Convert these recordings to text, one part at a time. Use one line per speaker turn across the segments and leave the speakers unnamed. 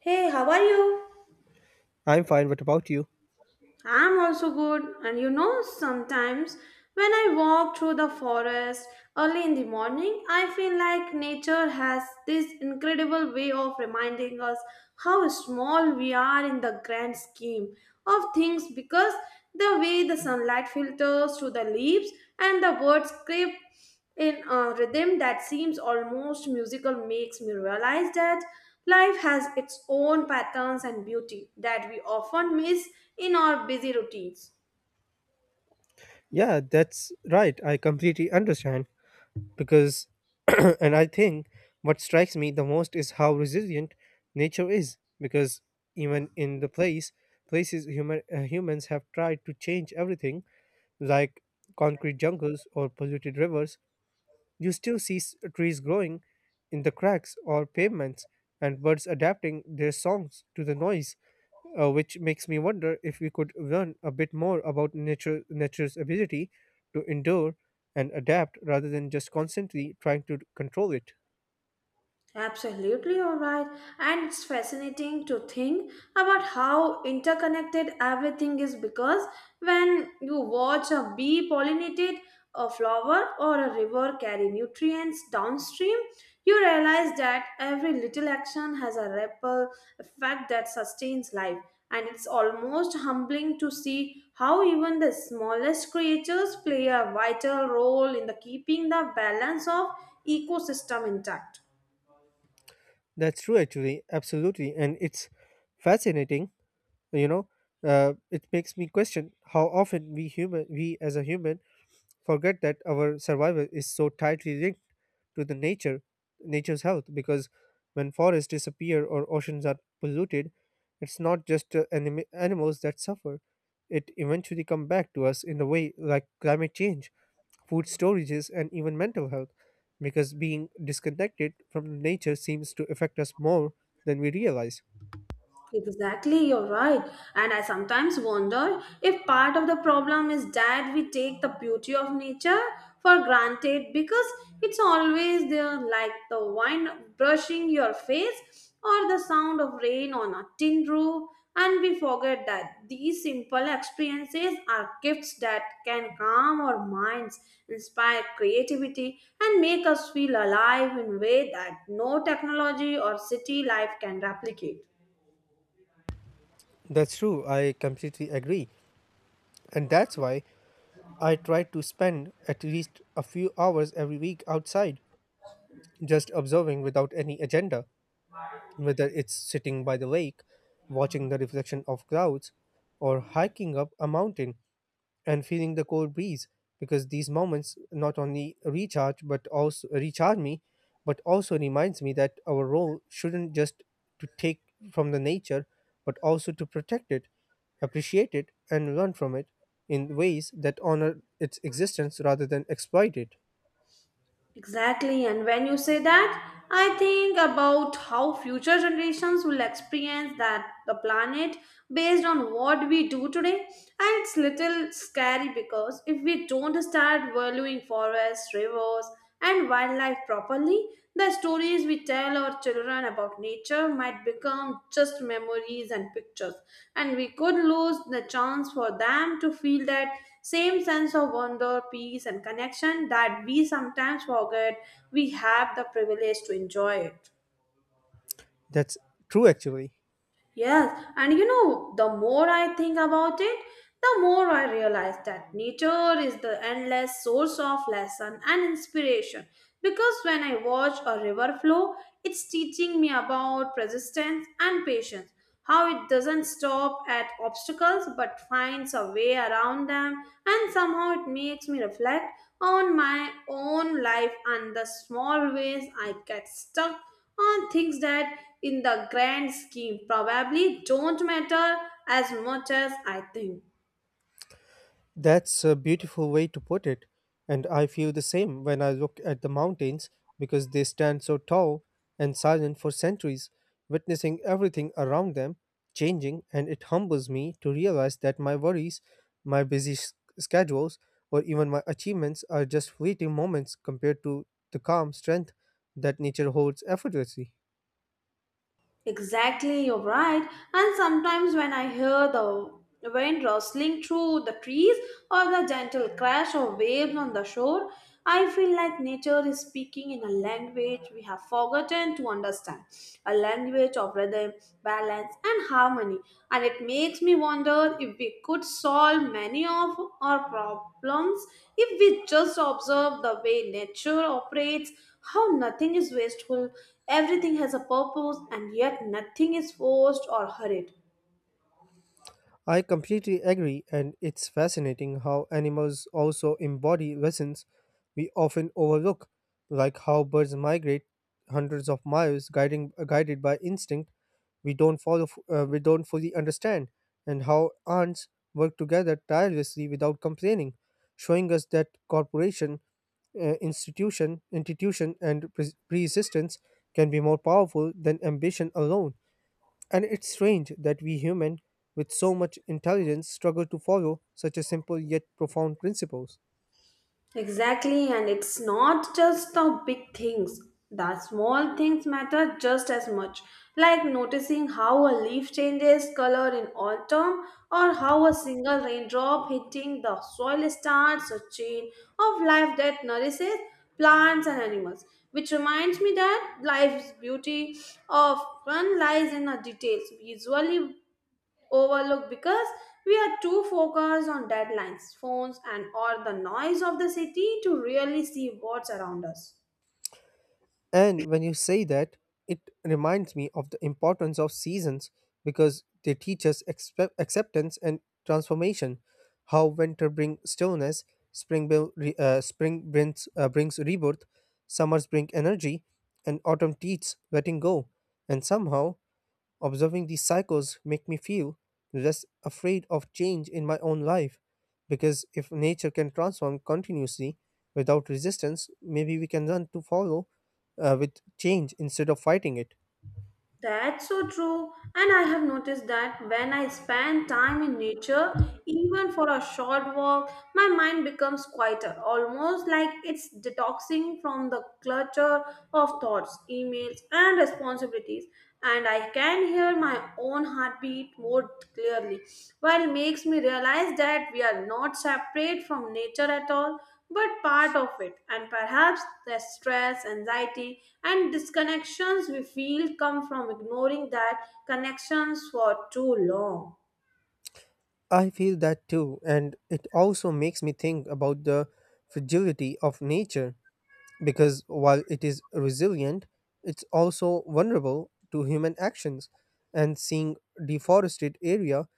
Hey, how are you?
I'm fine. What about you?
I'm also good. And you know, sometimes when I walk through the forest early in the morning, I feel like nature has this incredible way of reminding us how small we are in the grand scheme of things because the way the sunlight filters through the leaves and the birds scrape in a rhythm that seems almost musical makes me realize that life has its own patterns and beauty that we often miss in our busy routines.
Yeah, that's right. I completely understand, because, and I think what strikes me the most is how resilient nature is because even in the places humans have tried to change everything, like concrete jungles or polluted rivers. You still see trees growing in the cracks or pavements, and birds adapting their songs to the noise, which makes me wonder if we could learn a bit more about nature's ability to endure and adapt rather than just constantly trying to control it.
Absolutely, you're right. And it's fascinating to think about how interconnected everything is because when you watch a bee pollinate a flower or a river carry nutrients downstream, you realize that every little action has a ripple effect that sustains life. And it's almost humbling to see how even the smallest creatures play a vital role in the keeping the balance of ecosystem intact.
That's true, actually, absolutely. And it's fascinating, you know. It makes me question how often we as a human forget that our survival is so tightly linked to the nature nature's health, because when forests disappear or oceans are polluted, it's not just animals that suffer. It eventually come back to us in a way, like climate change, food storages, and even mental health, because being disconnected from nature seems to affect us more than we realize.
Exactly, you're right. And I sometimes wonder if part of the problem is that we take the beauty of nature for granted because it's always there, like the wind brushing your face or the sound of rain on a tin roof. And we forget that these simple experiences are gifts that can calm our minds, inspire creativity, and make us feel alive in a way that no technology or city life can replicate.
That's true, I completely agree, and that's why I try to spend at least a few hours every week outside, just observing without any agenda, whether it's sitting by the lake, watching the reflection of clouds, or hiking up a mountain and feeling the cold breeze, because these moments not only recharge but also recharge me, but also reminds me that our role shouldn't just to take from the nature, but also to protect it, appreciate it, and learn from it in ways that honor its existence rather than exploit it.
Exactly, and when you say that, I think about how future generations will experience that the planet based on what we do today. And it's little scary because if we don't start valuing forests, rivers, and wildlife properly, the stories we tell our children about nature might become just memories and pictures, and we could lose the chance for them to feel that same sense of wonder, peace, and connection that we sometimes forget we have the privilege to enjoy it.
That's true, actually.
Yes, and you know, the more I think about it, the more I realize that nature is the endless source of lesson and inspiration. Because when I watch a river flow, it's teaching me about persistence and patience, how it doesn't stop at obstacles but finds a way around them, and somehow it makes me reflect on my own life and the small ways I get stuck on things that in the grand scheme probably don't matter as much as I think.
That's a beautiful way to put it, and I feel the same when I look at the mountains because they stand so tall and silent for centuries, witnessing everything around them changing, and it humbles me to realize that my worries, my busy schedules, or even my achievements are just fleeting moments compared to the calm strength that nature holds effortlessly.
Exactly, you're right. And sometimes when I hear the wind rustling through the trees or the gentle crash of waves on the shore, I feel like nature is speaking in a language we have forgotten to understand, a language of rhythm, balance, and harmony. And it makes me wonder if we could solve many of our problems if we just observe the way nature operates how nothing is wasteful, everything has a purpose, and yet nothing is forced or hurried.
I completely agree, and it's fascinating how animals also embody lessons we often overlook, like how birds migrate hundreds of miles guided by instinct we don't fully understand, and how ants work together tirelessly without complaining, showing us that corporation, institution, and persistence can be more powerful than ambition alone. And it's strange that we humans, with so much intelligence, struggle to follow such a simple yet profound principles.
Exactly, and it's not just the big things. The small things matter just as much, like noticing how a leaf changes color in autumn or how a single raindrop hitting the soil starts a chain of life that nourishes plants and animals. Which reminds me that life's beauty often lies in the details, visually overlooked because we are too focused on deadlines, phones, and or the noise of the city to really see what's around us.
And when you say that, it reminds me of the importance of seasons because they teach us acceptance and transformation. How winter brings stillness, spring brings rebirth, summers bring energy, and autumn teaches letting go. And somehow, observing these cycles make me feel less afraid of change in my own life because if nature can transform continuously without resistance, maybe we can learn to follow with change instead of fighting it.
That's so true, and I have noticed that when I spend time in nature, even for a short walk, my mind becomes quieter, almost like it's detoxing from the clutter of thoughts, emails, and responsibilities. And I can hear my own heartbeat more clearly, while it makes me realize that we are not separate from nature at all, but part of it, and perhaps the stress, anxiety, and disconnections we feel come from ignoring that connections for too long.
I feel that too, and it also makes me think about the fragility of nature because while it is resilient, it's also vulnerable to human actions. And seeing deforested area,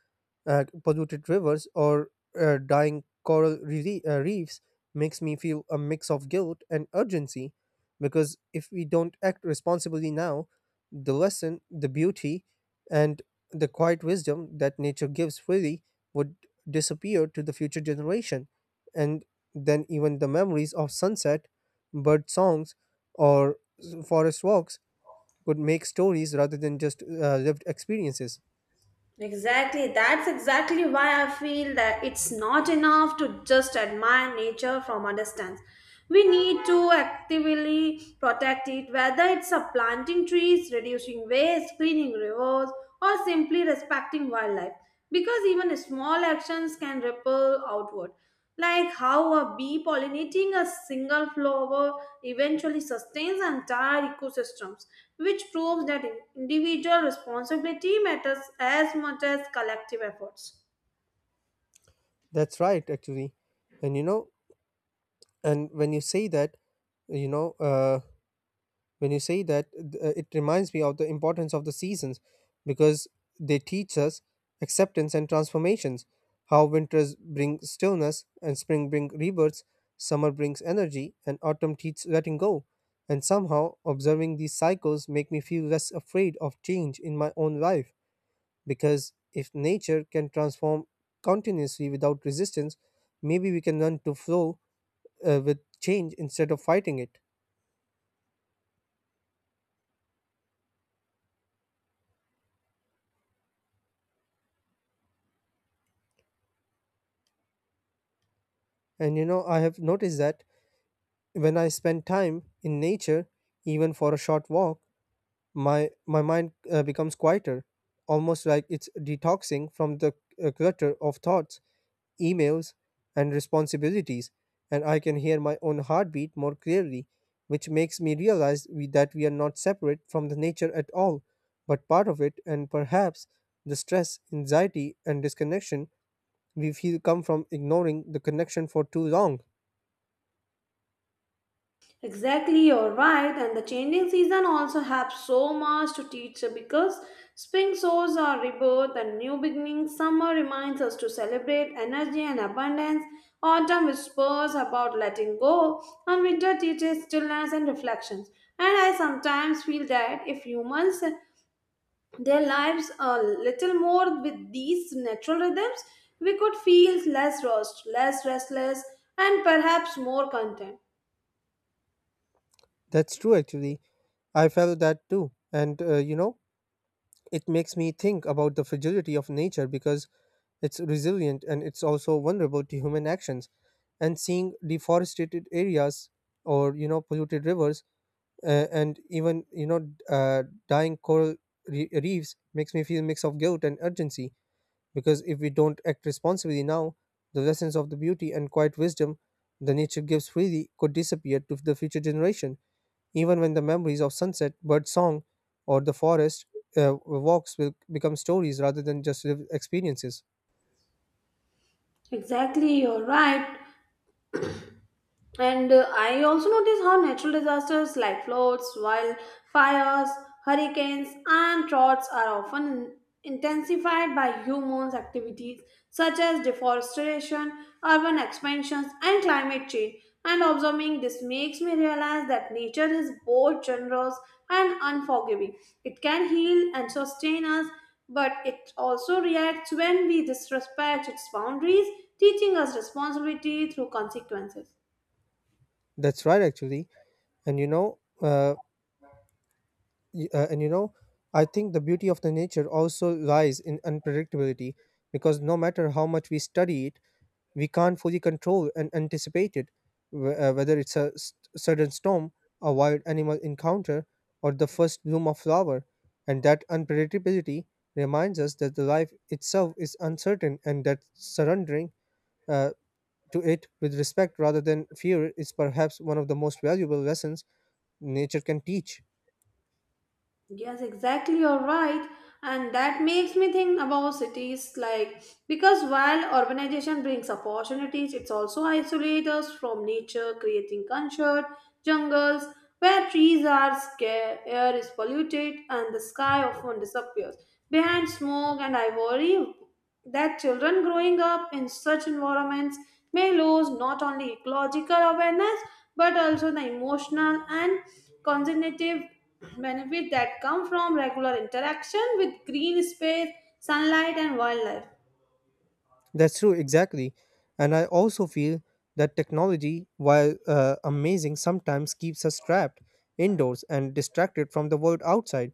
polluted rivers, or dying coral reefs makes me feel a mix of guilt and urgency, because if we don't act responsibly now, the lesson, the beauty, and the quiet wisdom that nature gives freely would disappear to the future generation. And then even the memories of sunset, bird songs, or forest walks could make stories rather than just lived experiences.
Exactly, that's exactly why I feel that it's not enough to just admire nature from a distance. We need to actively protect it, whether it's a planting trees, reducing waste, cleaning rivers, or simply respecting wildlife, because even small actions can ripple outward. Like how a bee pollinating a single flower eventually sustains entire ecosystems, which proves that individual responsibility matters as much as collective efforts.
That's right, actually. And you know, and when you say that you know uh, it reminds me of the importance of the seasons because they teach us acceptance and transformations, how winters bring stillness and spring bring rebirths, summer brings energy, and autumn teaches letting go. And somehow, observing these cycles make me feel less afraid of change in my own life because if nature can transform continuously without resistance, maybe we can learn to flow with change instead of fighting it. And you know, I have noticed that when I spend time in nature, even for a short walk, my mind becomes quieter, almost like it's detoxing from the clutter of thoughts, emails, and responsibilities. And I can hear my own heartbeat more clearly, which makes me realize that we are not separate from the nature at all, but part of it. And perhaps the stress, anxiety, and disconnection we feel come from ignoring the connection for too long.
Exactly, you're right. And the changing season also have so much to teach because spring shows our rebirth and new beginnings. Summer reminds us to celebrate energy and abundance. Autumn whispers about letting go, and winter teaches stillness and reflections. And I sometimes feel that if humans their lives a little more with these natural rhythms, we could feel less lost, less restless, and perhaps more content.
That's true, actually. I felt that too. And, you know, it makes me think about the fragility of nature because it's resilient and it's also vulnerable to human actions. And seeing deforested areas or polluted rivers, and even dying coral reefs makes me feel a mix of guilt and urgency. Because if we don't act responsibly now, the lessons of the beauty and quiet wisdom the nature gives freely could disappear to the future generation, even when the memories of sunset, bird song, or the forest walks will become stories rather than just lived experiences.
Exactly, you're right. And I also notice how natural disasters like floods, wildfires, hurricanes, and droughts are often intensified by human activities such as deforestation, urban expansions, and climate change. And observing this makes me realize that nature is both generous and unforgiving. It can heal and sustain us, but it also reacts when we disrespect its boundaries, teaching us responsibility through consequences.
That's right, actually. And you know, y- uh, and you know, I think the beauty of the nature also lies in unpredictability, because no matter how much we study it, we can't fully control and anticipate it, whether it's a sudden storm, a wild animal encounter, or the first bloom of flower. And that unpredictability reminds us that the life itself is uncertain, and that surrendering uh, to it with respect rather than fear is perhaps one of the most valuable lessons nature can teach.
Yes, exactly. You're right. And that makes me think about cities like because while urbanization brings opportunities, it's also isolates us from nature, creating concert jungles where trees are scarce, air is polluted, and the sky often disappears behind smoke and ivory. That children growing up in such environments may lose not only ecological awareness but also the emotional and cognitive benefit that come from regular interaction with green space sunlight and wildlife.
That's true, exactly. And I also feel that technology, while amazing, sometimes keeps us trapped indoors and distracted from the world outside,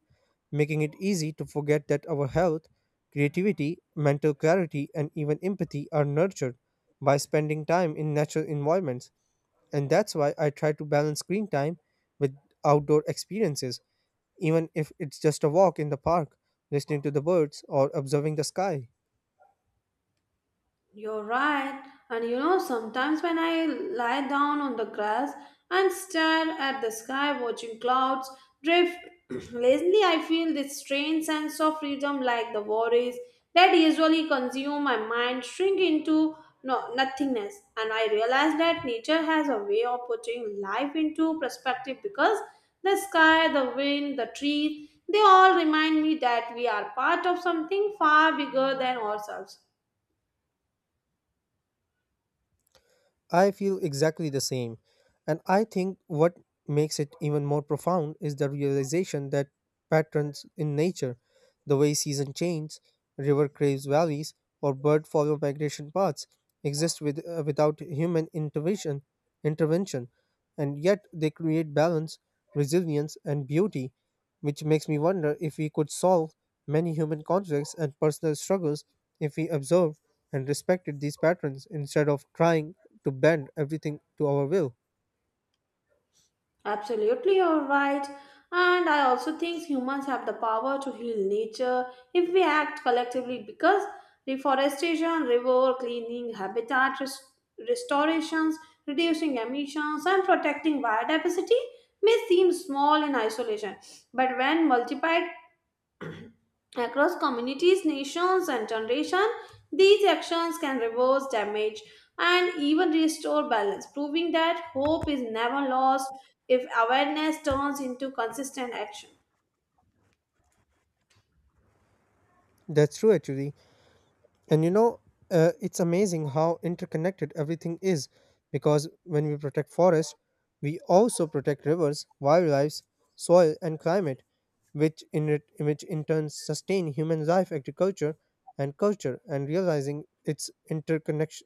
making it easy to forget that our health, creativity, mental clarity, and even empathy are nurtured by spending time in natural environments. And that's why I try to balance screen time with outdoor experiences, even if it's just a walk in the park, listening to the birds, or observing the sky.
You're right. And you know, sometimes when I lie down on the grass and stare at the sky, watching clouds drift lazily, I feel this strange sense of freedom, like the worries that usually consume my mind shrink into no, nothingness. And I realize that nature has a way of putting life into perspective because the sky, the wind, the trees, they all remind me that we are part of something far bigger than ourselves.
I feel exactly the same. And I think what makes it even more profound is the realization that patterns in nature, the way season change, river craves valleys, or bird follow migration paths, exist without human intervention, and yet they create balance, resilience, and beauty, which makes me wonder if we could solve many human conflicts and personal struggles if we observed and respected these patterns instead of trying to bend everything to our will.
Absolutely, you're right. And I also think humans have the power to heal nature if we act collectively because reforestation, river cleaning, habitat restorations, reducing emissions, and protecting biodiversity may seem small in isolation. But when multiplied across communities, nations, and generations, these actions can reverse damage and even restore balance, proving that hope is never lost if awareness turns into consistent action.
That's true, actually. And you know, it's amazing how interconnected everything is because when we protect forests, we also protect rivers, wildlife, soil, and climate, which in turn sustain human life, agriculture, and culture. And realizing its interconnections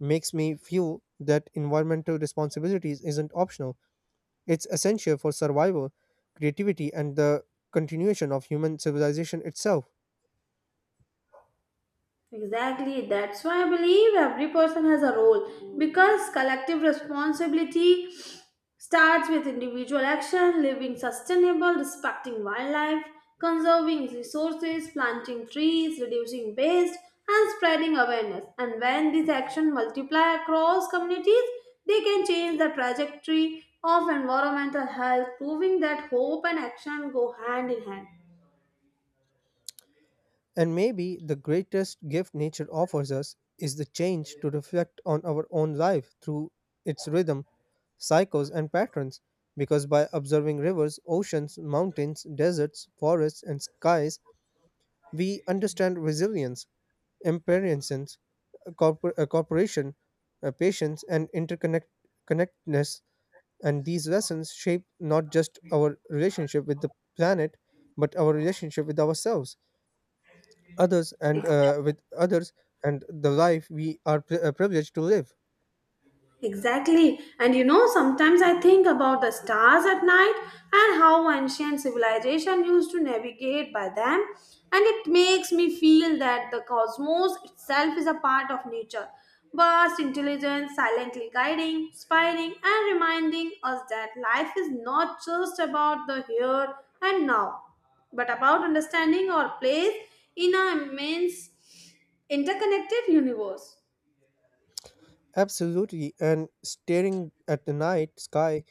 makes me feel that environmental responsibilities isn't optional. It's essential for survival, creativity, and the continuation of human civilization itself.
Exactly. That's why I believe every person has a role because collective responsibility starts with individual action, living sustainable, respecting wildlife, conserving resources, planting trees, reducing waste, and spreading awareness. And when these actions multiply across communities, they can change the trajectory of environmental health, proving that hope and action go hand in hand.
And maybe the greatest gift nature offers us is the change to reflect on our own life through its rhythm, cycles, and patterns. Because by observing rivers, oceans, mountains, deserts, forests, and skies, we understand resilience, impermanence, cooperation, patience, and interconnect connectedness. And these lessons shape not just our relationship with the planet, but our relationship with ourselves, others, and with others, and the life we are privileged to live.
Exactly. And you know, sometimes I think about the stars at night and how ancient civilization used to navigate by them. And it makes me feel that the cosmos itself is a part of nature. Vast intelligence silently guiding, inspiring, and reminding us that life is not just about the here and now, but about understanding our place in an immense interconnected universe.
Absolutely. And staring at the night sky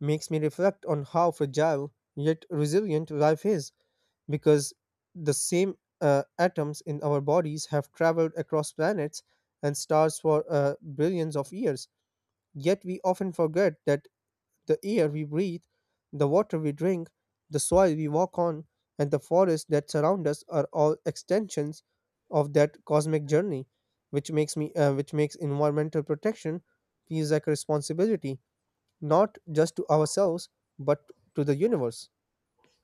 makes me reflect on how fragile yet resilient life is, because the same atoms in our bodies have traveled across planets and stars for billions of years. Yet we often forget that the air we breathe, the water we drink, the soil we walk on, and the forests that surround us are all extensions of that cosmic journey, which makes environmental protection feels like a responsibility not just to ourselves but to the universe.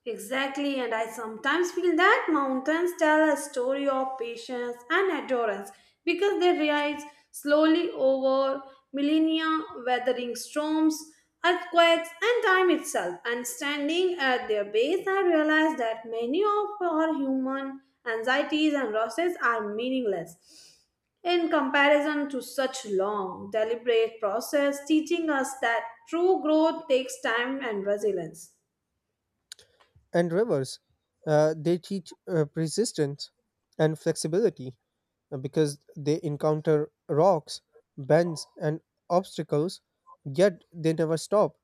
Exactly, and I sometimes feel that mountains tell a story of patience and endurance because they rise slowly over millennia, weathering storms, earthquakes, and time itself. And standing at their base, I realize that many of our human anxieties and losses are meaningless in comparison to such long, deliberate process, teaching us that true growth takes time and resilience.
And rivers. They teach persistence and flexibility, because they encounter rocks, bends, and obstacles, yet they never stop.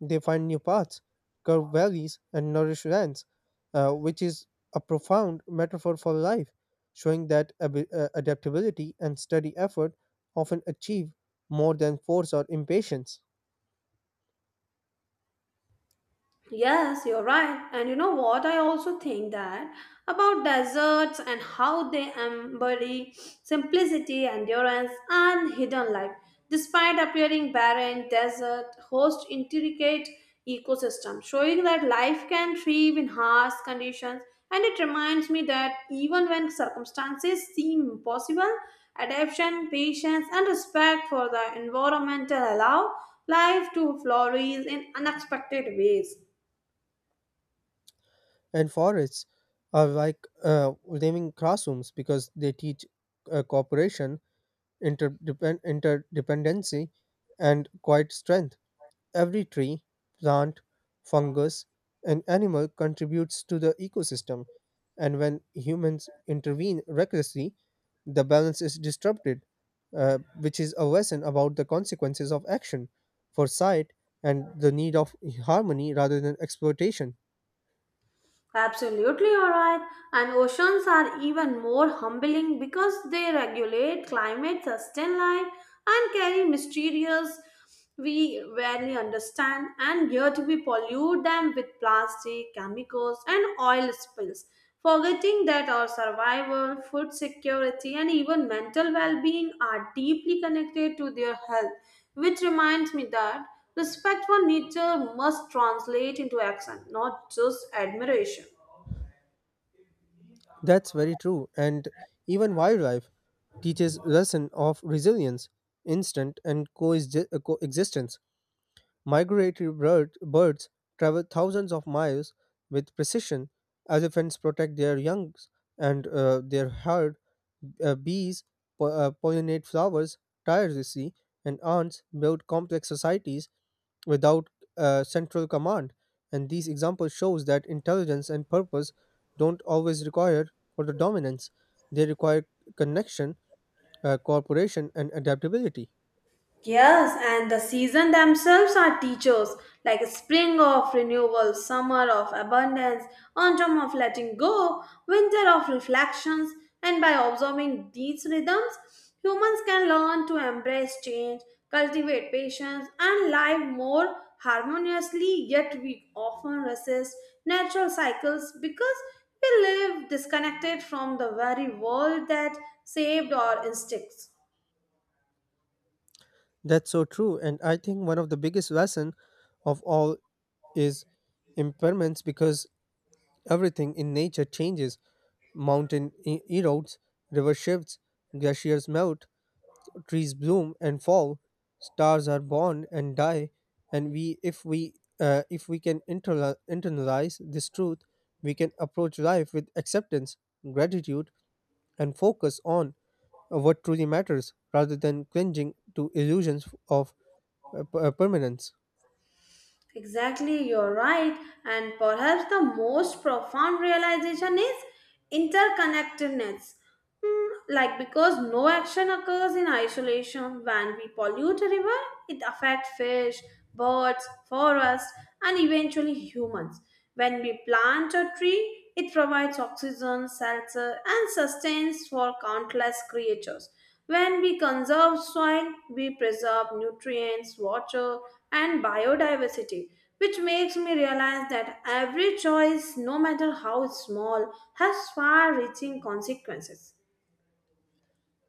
They find new paths, curved valleys, and nourished lands, which is a profound metaphor for life, showing that adaptability and steady effort often achieve more than force or impatience.
Yes, you're right. And you know what? I also think that about deserts and how they embody simplicity, endurance, and hidden life. Despite appearing barren, desert host intricate ecosystems, showing that life can thrive in harsh conditions. And it reminds me that even when circumstances seem impossible, adaptation, patience, and respect for the environmental allow life to flourish in unexpected ways.
And forests are like naming classrooms, because they teach cooperation, interdependency, and quiet strength. Every tree, plant, fungus, and animal contributes to the ecosystem, and when humans intervene recklessly, the balance is disrupted, which is a lesson about the consequences of action, foresight, and the need of harmony rather than exploitation.
Absolutely, all right. And oceans are even more humbling because they regulate climate, sustain life, and carry mysterious we rarely understand, and yet we pollute them with plastic, chemicals, and oil spills, forgetting that our survival, food security, and even mental well being are deeply connected to their health. Which reminds me that respect for nature must translate into action, not just admiration.
That's very true. And even wildlife teaches lesson of resilience, instinct, and coexistence. Migratory birds travel thousands of miles with precision. Elephants protect their youngs and their herd. Bees pollinate flowers tirelessly, and ants build complex societies without a central command. And these examples shows that intelligence and purpose don't always require for the dominance. They require connection, cooperation, and adaptability.
Yes, and the season themselves are teachers, like spring of renewal, summer of abundance, autumn of letting go, winter of reflections, and by observing these rhythms, humans can learn to embrace change, cultivate patience, and live more harmoniously. Yet we often resist natural cycles because we live disconnected from the very world that saved our instincts.
That's so true, and I think one of the biggest lesson of all is impairments, because everything in nature changes. Mountain erodes, river shifts, glaciers melt, trees bloom and fall, stars are born and die, and we, if we can internalize this truth, we can approach life with acceptance, gratitude, and focus on what truly matters, rather than clinging to illusions of permanence.
Exactly, you're right. And perhaps the most profound realization is interconnectedness. Hmm, Like, because no action occurs in isolation. When we pollute a river, it affects fish, birds, forests, and eventually humans. When we plant a tree, it provides oxygen, shelter, and sustenance for countless creatures. When we conserve soil, we preserve nutrients, water, and biodiversity, which makes me realize that every choice, no matter how small, has far reaching consequences.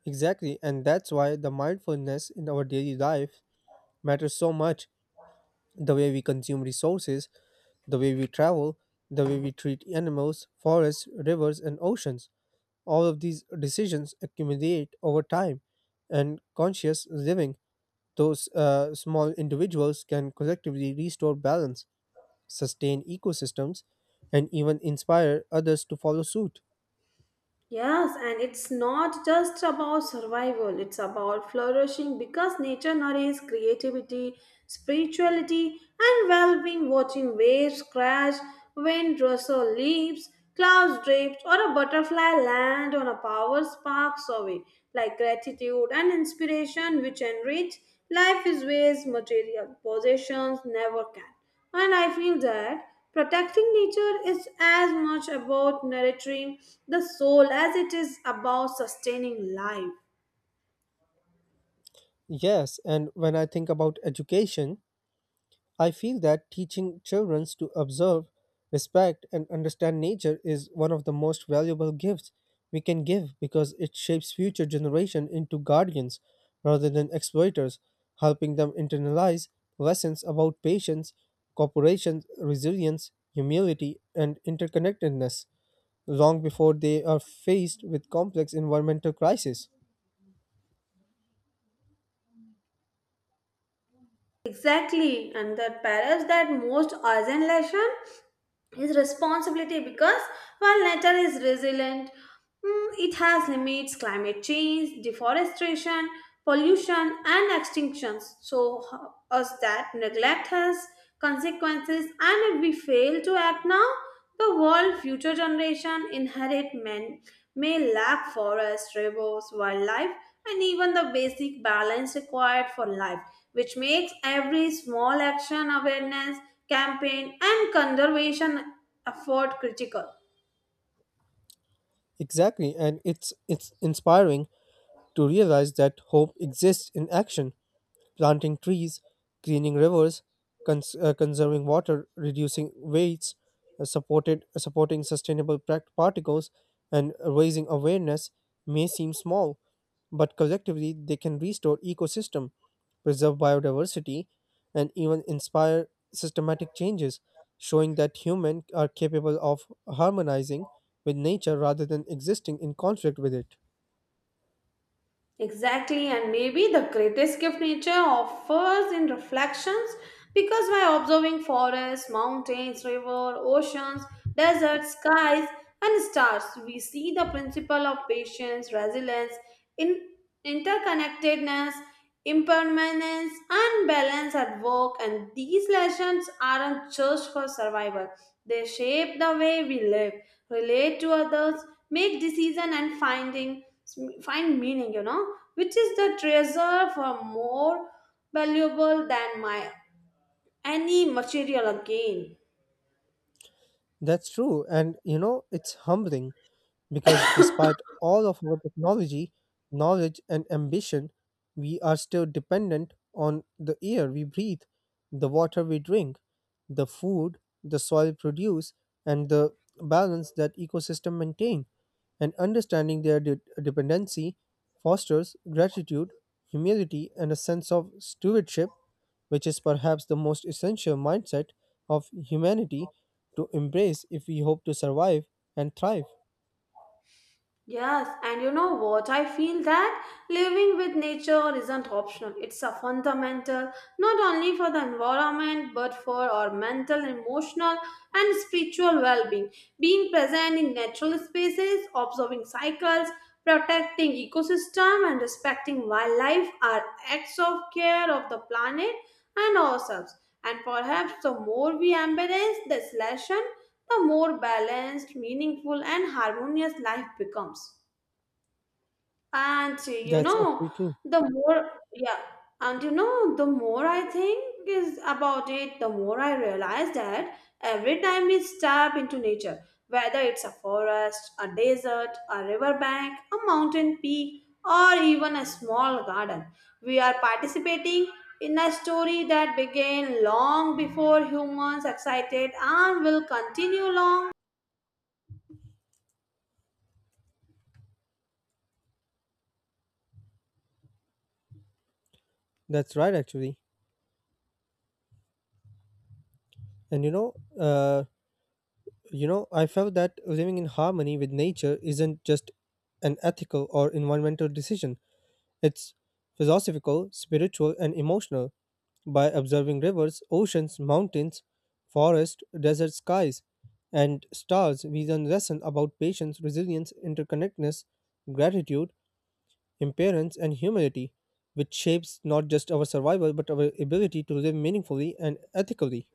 Exactly, and that's why the mindfulness in our daily life matters so much. The way we consume resources, the way we travel, the way we treat animals, forests, rivers, and oceans. All of these decisions accumulate over time, and conscious living, those small individuals can collectively restore balance, sustain ecosystems, and even inspire others to follow suit.
Yes, and it's not just about survival, it's about flourishing because nature nourishes creativity, spirituality, and well being. Watching waves crash, wind rustle leaves, clouds drift, or a butterfly land on a power sparks away, like gratitude and inspiration, which enrich life is ways material possessions never can. And I feel that protecting nature is as much about nurturing the soul as it is about sustaining life.
Yes, and when I think about education, I feel that teaching children to observe, respect, and understand nature is one of the most valuable gifts we can give because it shapes future generations into guardians rather than exploiters, helping them internalize lessons about patience, cooperation, resilience, humility, and interconnectedness long before they are faced with complex environmental crises.
Exactly, and that perhaps that most urgent lesson is responsibility because while nature is resilient, it has limits, climate change, deforestation, pollution, and extinctions. So, us that neglect has consequences, and if we fail to act now the world future generation inherit men may lack forests rivers wildlife and even the basic balance required for life, which makes every small action awareness campaign and conservation effort critical.
Exactly, and it's inspiring to realize that hope exists in action: planting trees, cleaning rivers, conserving water, reducing weights, supported supporting sustainable particles, and raising awareness may seem small, but collectively they can restore ecosystem, preserve biodiversity, and even inspire systematic changes, showing that humans are capable of harmonizing with nature rather than existing in conflict with it.
Exactly, and maybe the greatest gift nature offers in reflections because by observing forests, mountains, rivers, oceans, deserts, skies, and stars, we see the principle of patience, resilience, in interconnectedness, impermanence, and balance at work, and these lessons aren't just for survival. They shape the way we live, relate to others, make decisions, and find meaning, you know, which is the treasure for more valuable than my any material gain.
That's true, and you know it's humbling, because despite all of our technology, knowledge, and ambition, we are still dependent on the air we breathe, the water we drink, the food the soil produce, and the balance that ecosystem maintain. And understanding their dependency fosters gratitude, humility, and a sense of stewardship, which is perhaps the most essential mindset of humanity to embrace if we hope to survive and thrive.
Yes, and you know what? I feel that living with nature isn't optional. It's a fundamental, not only for the environment, but for our mental, emotional, and spiritual well being. Being present in natural spaces, observing cycles, protecting ecosystem, and respecting wildlife are acts of care of the planet and ourselves. And perhaps the more we embrace this lesson, the more balanced, meaningful, and harmonious life becomes. And you
That's
know,
actually true.
the more, yeah, and you know, the more I think is about it, the more I realize that every time we step into nature, whether it's a forest, a desert, a riverbank, a mountain peak, or even a small garden, we are participating in a story that began long before humans excited and will continue long.
That's right, actually. And you know, I felt that living in harmony with nature isn't just an ethical or environmental decision. It's philosophical, spiritual, and emotional. By observing rivers, oceans, mountains, forests, desert skies, and stars, we learn lessons about patience, resilience, interconnectedness, gratitude, impermanence, and humility, which shapes not just our survival but our ability to live meaningfully and ethically.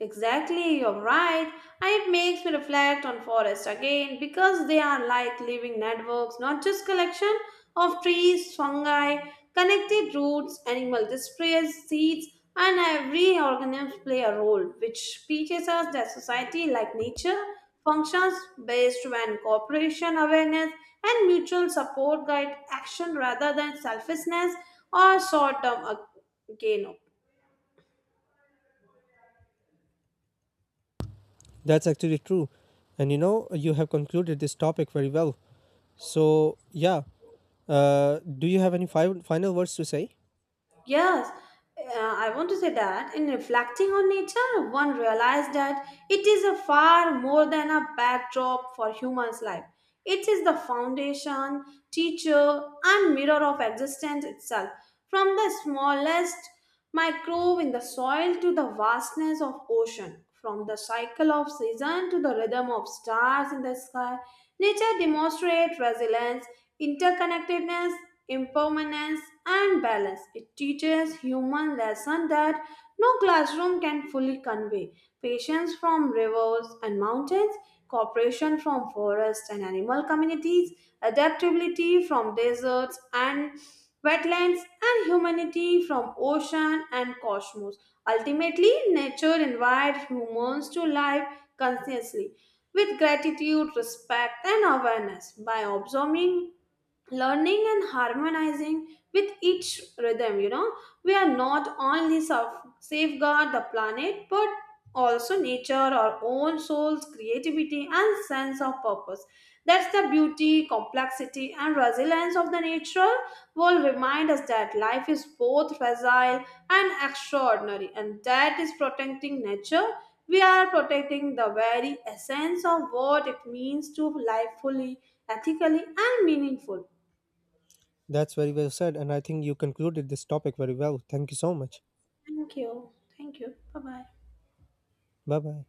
Exactly, you're right. And it makes me reflect on forests again because they are like living networks, not just collection of trees, fungi, connected roots, animal displays, seeds, and every organism play a role, which teaches us that society, like nature, functions based when cooperation, awareness, and mutual support guide action rather than selfishness or short-term gain.
That's actually true. And you know, you have concluded this topic very well. So, yeah, do you have any final words to say?
Yes, I want to say that in reflecting on nature, one realized that it is a far more than a backdrop for human's life. It is the foundation, teacher, and mirror of existence itself. From the smallest microbe in the soil to the vastness of ocean, from the cycle of season to the rhythm of stars in the sky, nature demonstrates resilience, interconnectedness, impermanence, and balance. It teaches human lesson that no classroom can fully convey patience from rivers and mountains, cooperation from forests and animal communities, adaptability from deserts and wetlands, and humanity from ocean and cosmos. Ultimately, nature invites humans to live consciously with gratitude, respect, and awareness. By observing learning and harmonizing with each rhythm, you know, we are not only safeguard the planet but also nature, our own souls, creativity, and sense of purpose. That's the beauty, complexity, and resilience of the natural world remind us that life is both fragile and extraordinary, and that is protecting nature. We are protecting the very essence of what it means to live fully, ethically, and meaningful.
That's very well said. And I think you concluded this topic very well. Thank you so much.
Thank you. Thank you. Bye bye.
Bye bye.